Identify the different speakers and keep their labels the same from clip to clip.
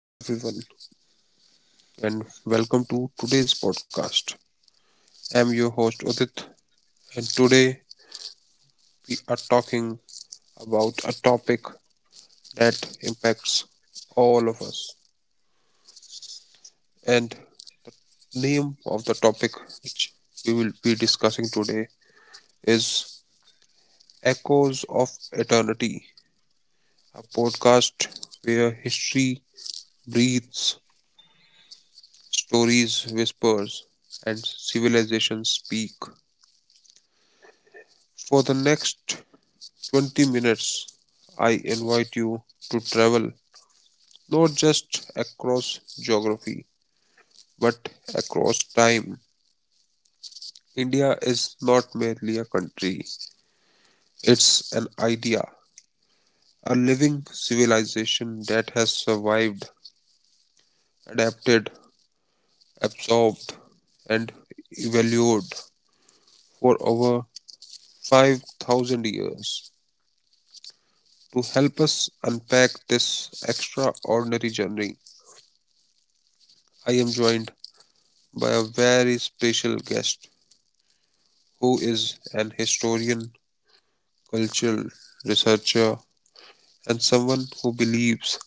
Speaker 1: Hello, everyone, and welcome to today's podcast. I'm your host Udit, and today we are talking about a topic that impacts all of us. And name of the topic which we will be discussing today is Echoes of Eternity, a podcast where history breathes, stories whispers, and civilizations speak. For the next 20 minutes, I invite you to travel not just across geography but across time. India is not merely a country, it's an idea, a living civilization that has survived, adapted, absorbed, and evolved for over 5,000 years. To help us unpack this extraordinary journey, I am joined by a very special guest who is an historian, cultural researcher, and someone who believes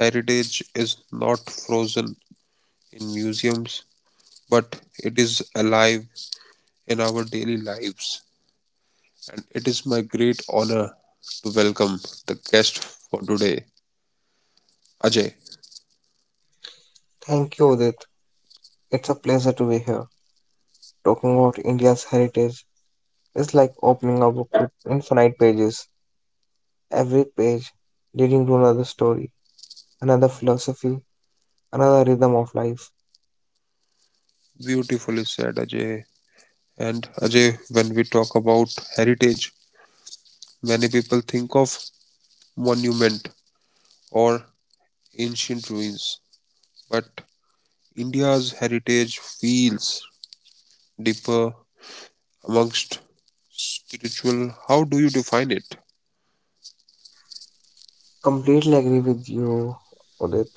Speaker 1: heritage is not frozen in museums but it is alive in our daily lives. And it is my great honor to welcome the guest for today, Ajay.
Speaker 2: Thank you, Udit. It's a pleasure to be here. Talking about India's heritage is like opening a book with infinite pages. Every page leading to another story, another philosophy, another rhythm of life.
Speaker 1: Beautifully said, Ajay. And Ajay, when we talk about heritage, many people think of monument or ancient ruins, but India's heritage feels deeper amongst spiritual. How do you define it?
Speaker 2: Completely agree with you, Udit.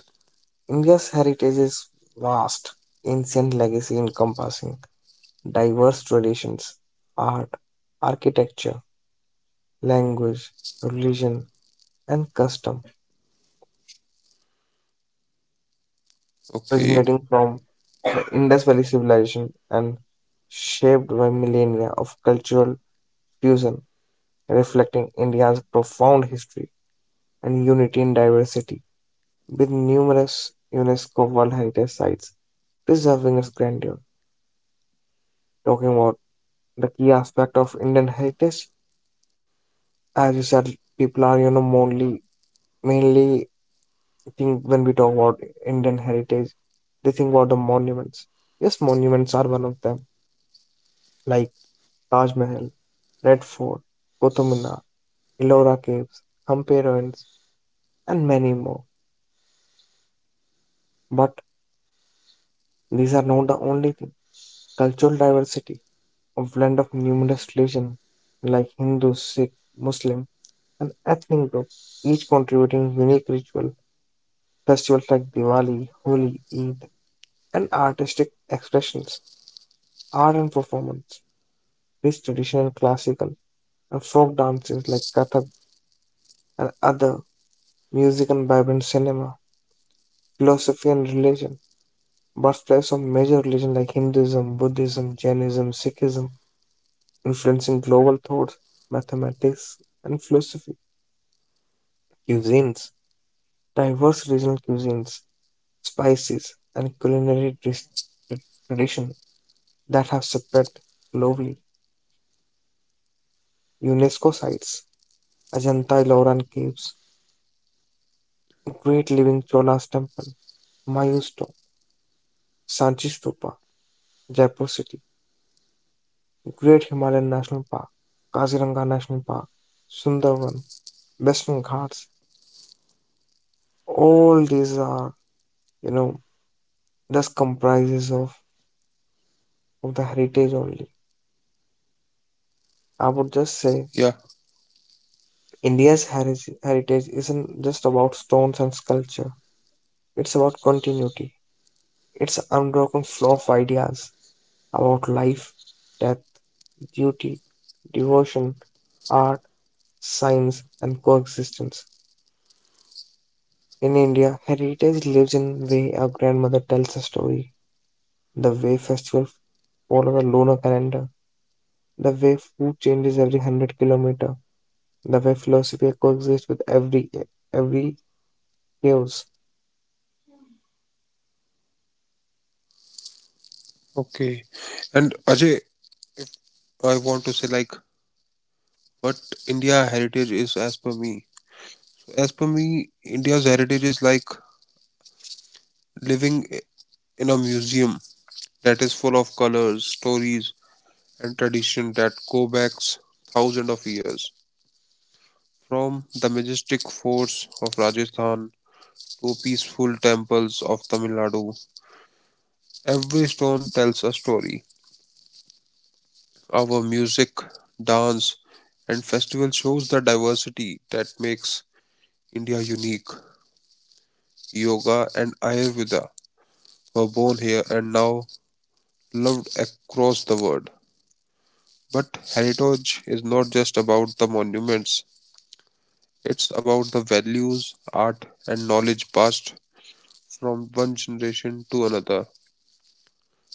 Speaker 2: India's heritage is vast, ancient legacy encompassing diverse traditions, art, architecture, language, religion, and custom, or
Speaker 1: Okay,
Speaker 2: originating from Indus Valley civilization and shaped by millennia of cultural fusion, reflecting India's profound history and unity in diversity, with numerous UNESCO World Heritage Sites preserving its grandeur. Talking about the key aspect of Indian heritage, as you said, people are mainly think when we talk about Indian heritage, they think about the monuments. Yes, monuments are one of them. Like Taj Mahal, Red Fort, Qutub Minar, Ellora Caves, Hampi Ruins, and many more. But these are not the only thing. Cultural diversity, a blend of numerous religions like Hindu, Sikh, Muslim, and ethnic group, each contributing unique ritual, festivals like Diwali, Holi, Eid, and artistic expressions, art and performance, rich traditional classical and folk dances like Kathak and other music and vibrant cinema, philosophy and religion, birthplace of major religion like Hinduism, Buddhism, Jainism, Sikhism, influencing global thoughts, mathematics, and philosophy, cuisines, diverse regional cuisines, spices, and culinary tradition that have spread globally. UNESCO sites, Ajanta Elora Caves, Great Living Cholas Temple, Mayu's Tomb, Sanchi Stupa, Jaipur City, Great Himalayan National Park, Kaziranga National Park, Sundarban, Western Ghats. All these are, you know, just of the heritage only. I would just say
Speaker 1: yeah,
Speaker 2: India's heritage isn't just about stones and sculpture. It's about continuity. It's an unbroken flow of ideas about life, death, duty, devotion, art, science, and coexistence. In India, heritage lives in way our grandmother tells a story, the way festivals follow the lunar calendar, the way food changes every hundred kilometer, the way philosophy coexists with every chaos.
Speaker 1: okay. And Ajay, I want to say like, what India heritage is as per me. As per me, India's heritage is like living in a museum that is full of colors, stories, and tradition that go back thousands of years. From the majestic forts of Rajasthan to peaceful temples of Tamil Nadu, every stone tells a story. Our music, dance, and festival shows the diversity that makes India unique. Yoga and Ayurveda were born here and now loved across the world. But heritage is not just about the monuments, it's about the values, art, and knowledge passed from one generation to another.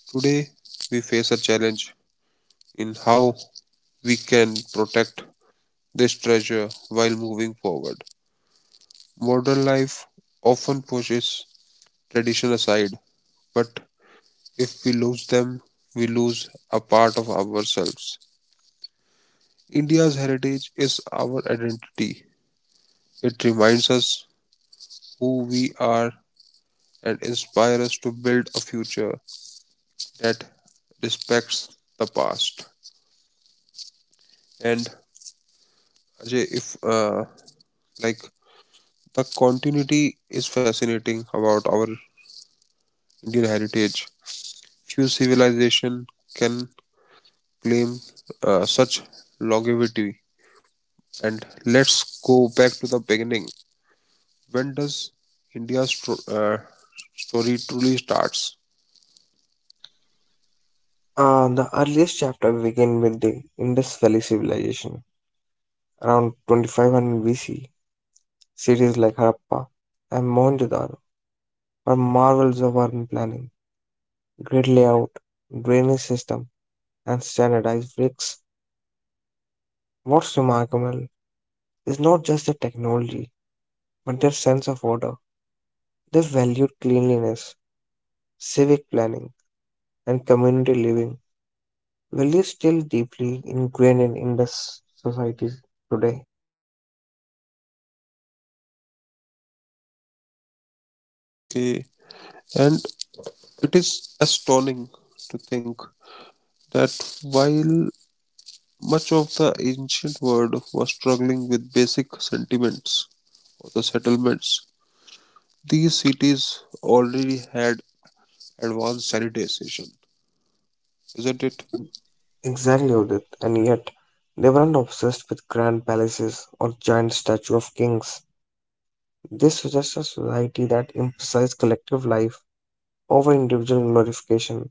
Speaker 1: Today, we face a challenge in how we can protect this treasure while moving forward. Modern life often pushes tradition aside, but if we lose them, we lose a part of ourselves. India's heritage is our identity. It reminds us who we are and inspires us to build a future that respects the past. And Ajay, if like the continuity is fascinating about our Indian heritage, few civilization can claim such longevity? And let's go back to the beginning. When does India's uh, story truly starts?
Speaker 2: The earliest chapter begins with the Indus Valley civilization. Around 2500 BC, cities like Harappa and Mohenjo-daro are marvels of urban planning, grid layout, drainage system, and standardized bricks. What's so remarkable is not just their technology, but their sense of order. They valued cleanliness, civic planning, and community living, values still deeply ingrained in Indus societies today.
Speaker 1: Okay, and it is astounding to think that while much of the ancient world was struggling with basic sentiments of the settlements, these cities already had advanced sanitation, isn't it?
Speaker 2: Exactly, Udit. And yet, they weren't obsessed with grand palaces or giant statues of kings. This suggests a society that emphasized collective life over individual glorification,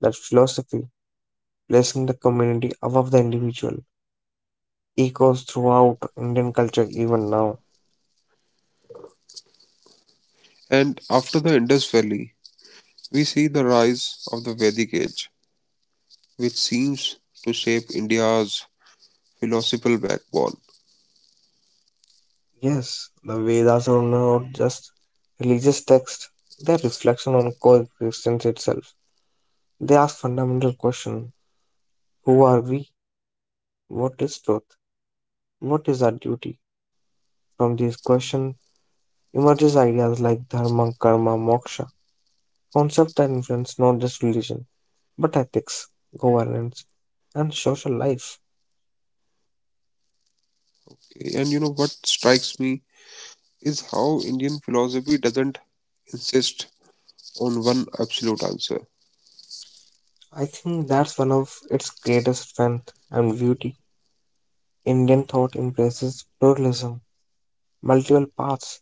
Speaker 2: that philosophy placing the community above the individual, echoes throughout Indian culture even now.
Speaker 1: And after the Indus Valley, we see the rise of the Vedic age, which seems to shape India's philosophical backbone.
Speaker 2: Yes, the Vedas are not just religious texts, they're reflection on coexistence itself. They ask fundamental questions. Who are we? What is truth? What is our duty? From these questions emerges ideas like dharma, karma, moksha, concepts that influence not just religion, but ethics, governance, and social life.
Speaker 1: Okay, and you know what strikes me is how Indian philosophy doesn't insist on one absolute answer.
Speaker 2: I think that's one of its greatest strength and beauty. Indian thought embraces pluralism, multiple paths,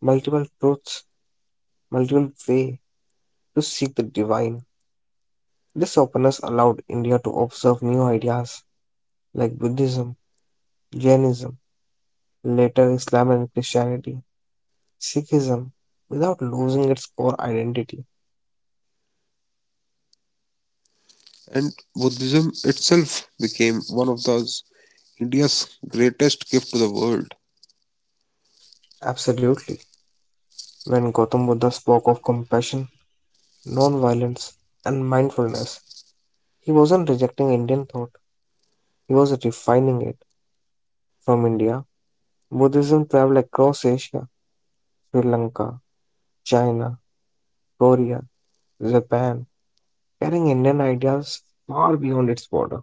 Speaker 2: multiple truths, multiple ways to seek the divine. This openness allowed India to observe new ideas like Buddhism, Jainism, later Islam and Christianity, Sikhism, without losing its core identity.
Speaker 1: And Buddhism itself became one of those India's greatest gift to the world.
Speaker 2: Absolutely. When Gautam Buddha spoke of compassion, non-violence, and mindfulness, he wasn't rejecting Indian thought, he was refining it. From India, Buddhism traveled across Asia, Sri Lanka, China, Korea, Japan, carrying Indian ideas far beyond its border.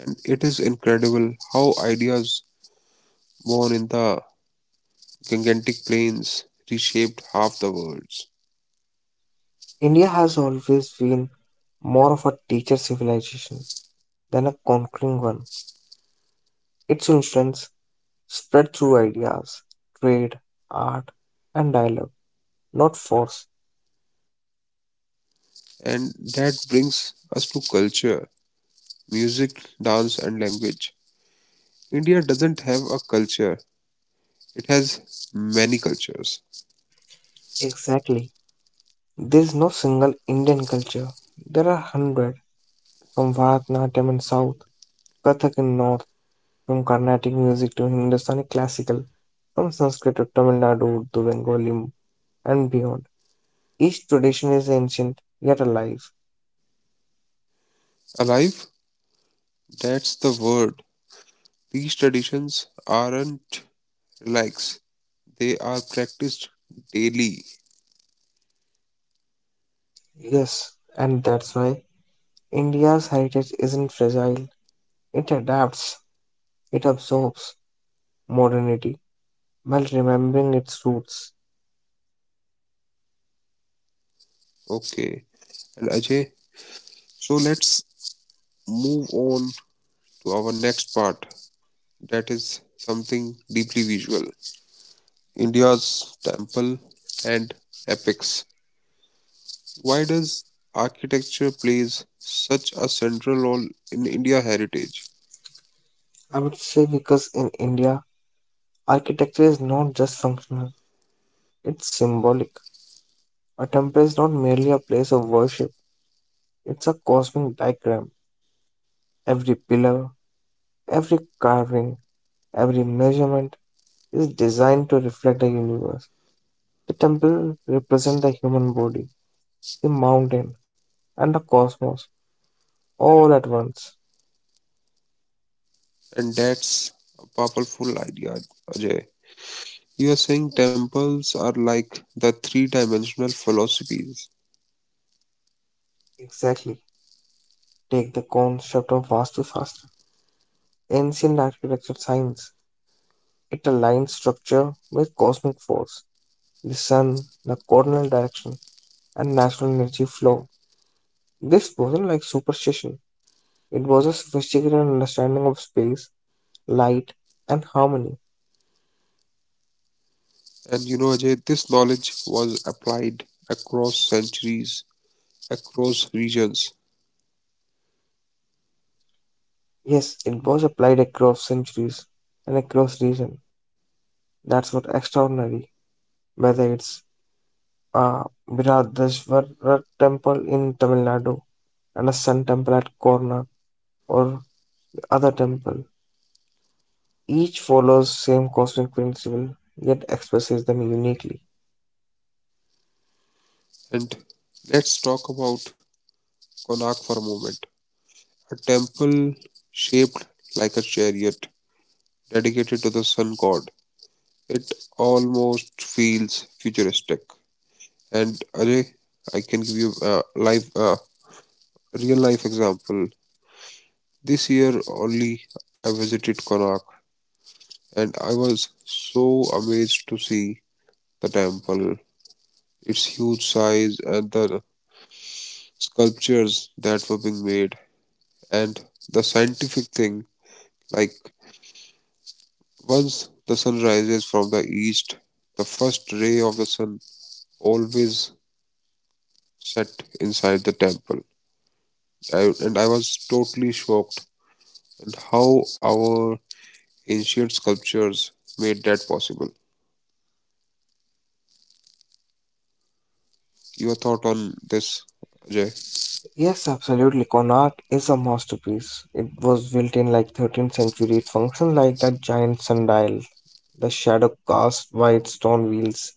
Speaker 1: And it is incredible how ideas born in the gigantic plains reshaped half the worlds.
Speaker 2: India has always been more of a teacher civilization than a conquering one. Its influence spread through ideas, trade, art, and dialogue, not force.
Speaker 1: And that brings us to culture, music, dance, and language. India doesn't have a culture, it has many cultures.
Speaker 2: Exactly. There is no single Indian culture. There are hundred from Bharatanatyam in south, Kathak in north, from Carnatic music to Hindustani classical, from Sanskrit to Tamil Nadu to Bengali and beyond. Each tradition is ancient yet alive.
Speaker 1: Alive? That's the word. These traditions aren't relaxed, they are practiced daily.
Speaker 2: Yes, and that's why India's heritage isn't fragile. It adapts, it absorbs modernity while remembering its roots.
Speaker 1: Okay, and Ajay, so let's move on to our next part that is something deeply visual, India's temple and epics. Why does architecture plays such a central role in India heritage?
Speaker 2: I would say because in India, architecture is not just functional, it's symbolic. A temple is not merely a place of worship, it's a cosmic diagram. Every pillar, every carving, every measurement is designed to reflect the universe. The temple represents the human body, the mountain, and the cosmos all at once.
Speaker 1: And that's a powerful idea, Ajay. You are saying temples are like the three-dimensional philosophies.
Speaker 2: Exactly. Take the concept of Vastu Shastra, ancient architecture science. It aligns structure with cosmic force, the sun, the cardinal direction, and natural energy flow. This wasn't like superstition, it was a sophisticated understanding of space, light, and harmony.
Speaker 1: And you know, Ajay, this knowledge was applied across centuries, across regions.
Speaker 2: Yes, it was applied across centuries and across region. That's what extraordinary, whether it's a Viradeshwara temple in Tamil Nadu and a sun temple at Korna or the other temple. Each follows same cosmic principle yet expresses them uniquely.
Speaker 1: And let's talk about Konark for a moment. A temple shaped like a chariot dedicated to the sun god. It almost feels futuristic. And Ajay, I can give you a real life example. This year only, I visited Konark, and I was so amazed to see the temple, its huge size, and the sculptures that were being made, and the scientific thing. Like once the sun rises from the east, the first ray of the sun always set inside the temple I, and I was totally shocked at how our ancient sculptures made that possible. Your thought on this, Ajay?
Speaker 2: Yes, absolutely. Connaught is a masterpiece. It was built in like 13th century. It functioned like a giant sundial. The shadow cast white stone wheels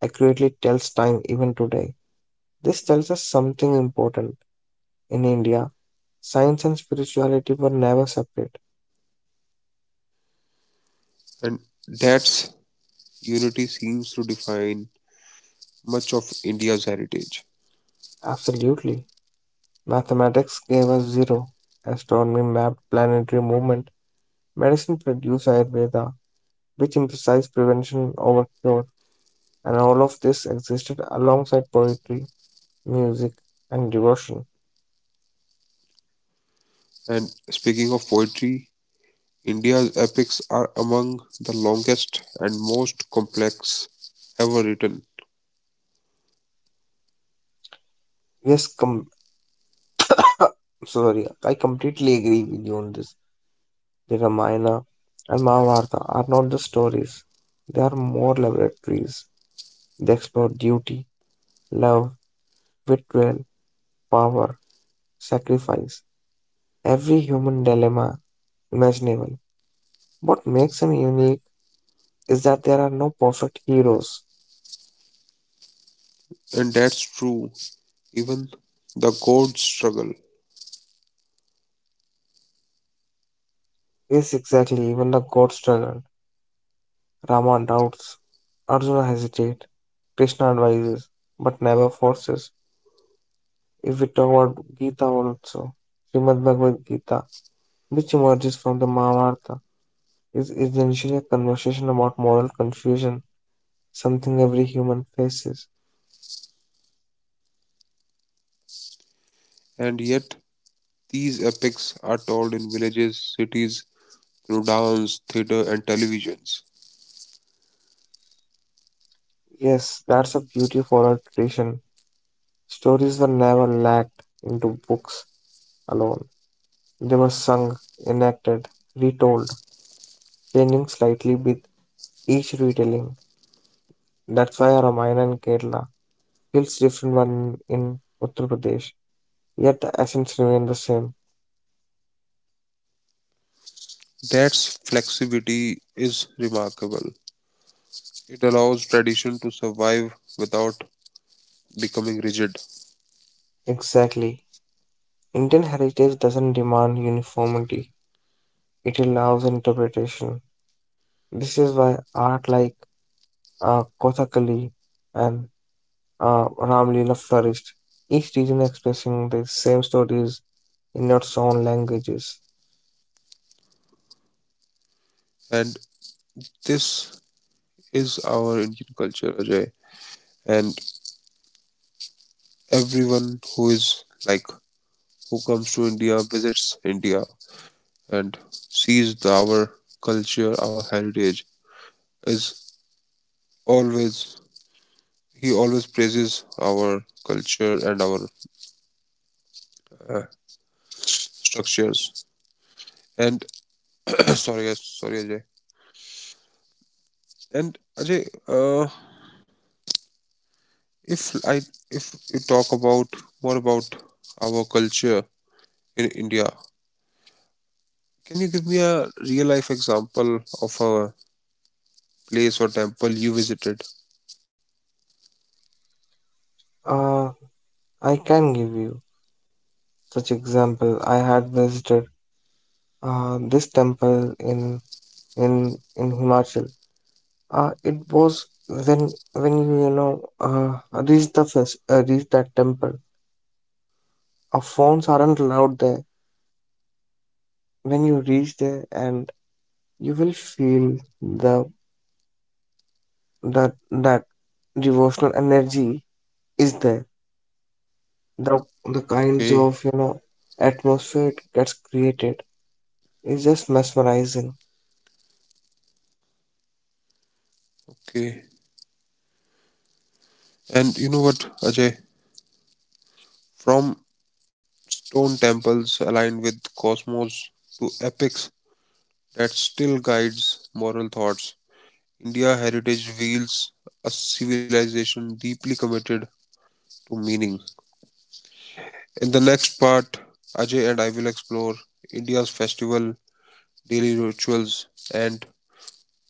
Speaker 2: accurately tells time even today. This tells us something important. In India, science and spirituality were never separate.
Speaker 1: And that's unity seems to define much of India's heritage.
Speaker 2: Absolutely. Mathematics gave us zero. Astronomy mapped planetary movement. Medicine produced Ayurveda, which emphasized prevention over cure. And all of this existed alongside poetry music and devotion.
Speaker 1: And speaking of poetry, India's epics are among the longest and most complex ever written.
Speaker 2: Yes, I completely agree with you on this. The Ramayana and Mahabharata are not the stories, they are more laboratories. They explore duty, love, betrayal, power, sacrifice, every human dilemma imaginable. What makes them unique is that there are no perfect heroes.
Speaker 1: And that's true, even the gods struggle.
Speaker 2: Yes, exactly, even the gods struggle. Rama doubts, Arjuna hesitates, Krishna advises, but never forces. If we talk about Gita also, Srimad Bhagavad Gita, which emerges from the Mahabharata, is essentially a conversation about moral confusion, something every human faces.
Speaker 1: And yet, these epics are told in villages, cities, through dance, theater, and televisions.
Speaker 2: Yes, that's a beauty of oral tradition. Stories were never locked into books alone. They were sung, enacted, retold, changing slightly with each retelling. That's why Ramayana in Kerala feels different one in Uttar Pradesh, yet the essence remains the same.
Speaker 1: That flexibility is remarkable. It allows tradition to survive without becoming rigid.
Speaker 2: Exactly. Indian heritage doesn't demand uniformity, it allows interpretation. This is why art like Kothakali and Ramlila flourished, each region expressing the same stories in its own languages.
Speaker 1: And this is our Indian culture, Ajay. And everyone who is like, who comes to India, visits India, and sees our culture, our heritage, is always, he always praises our culture and our uh, structures. And sorry, yes, sorry, Ajay. And Ajay, if I if you talk about more about our culture in India, can you give me a real life example of a place or temple you visited?
Speaker 2: Uh, I can give you such example. I had visited this temple in in Himachal. It was when you you know reach the reach that temple. Our phones aren't allowed there. When you reach there, and you will feel the that that devotional energy is there. The kinds
Speaker 1: Okay,
Speaker 2: of atmosphere it gets created is just mesmerizing.
Speaker 1: okay. And you know what, Ajay? From stone temples aligned with cosmos to epics that still guides moral thoughts, India heritage reveals a civilization deeply committed to meaning. In the next part, Ajay and I will explore India's festival, daily rituals, and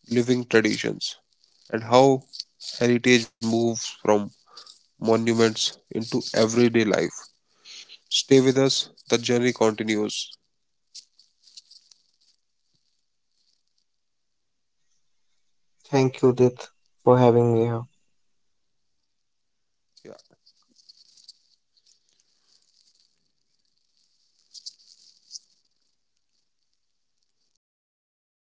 Speaker 1: living traditions, and how heritage moves from monuments into everyday life. Stay with us, the journey continues.
Speaker 2: Thank you, Dit, for having me here.
Speaker 1: Yeah.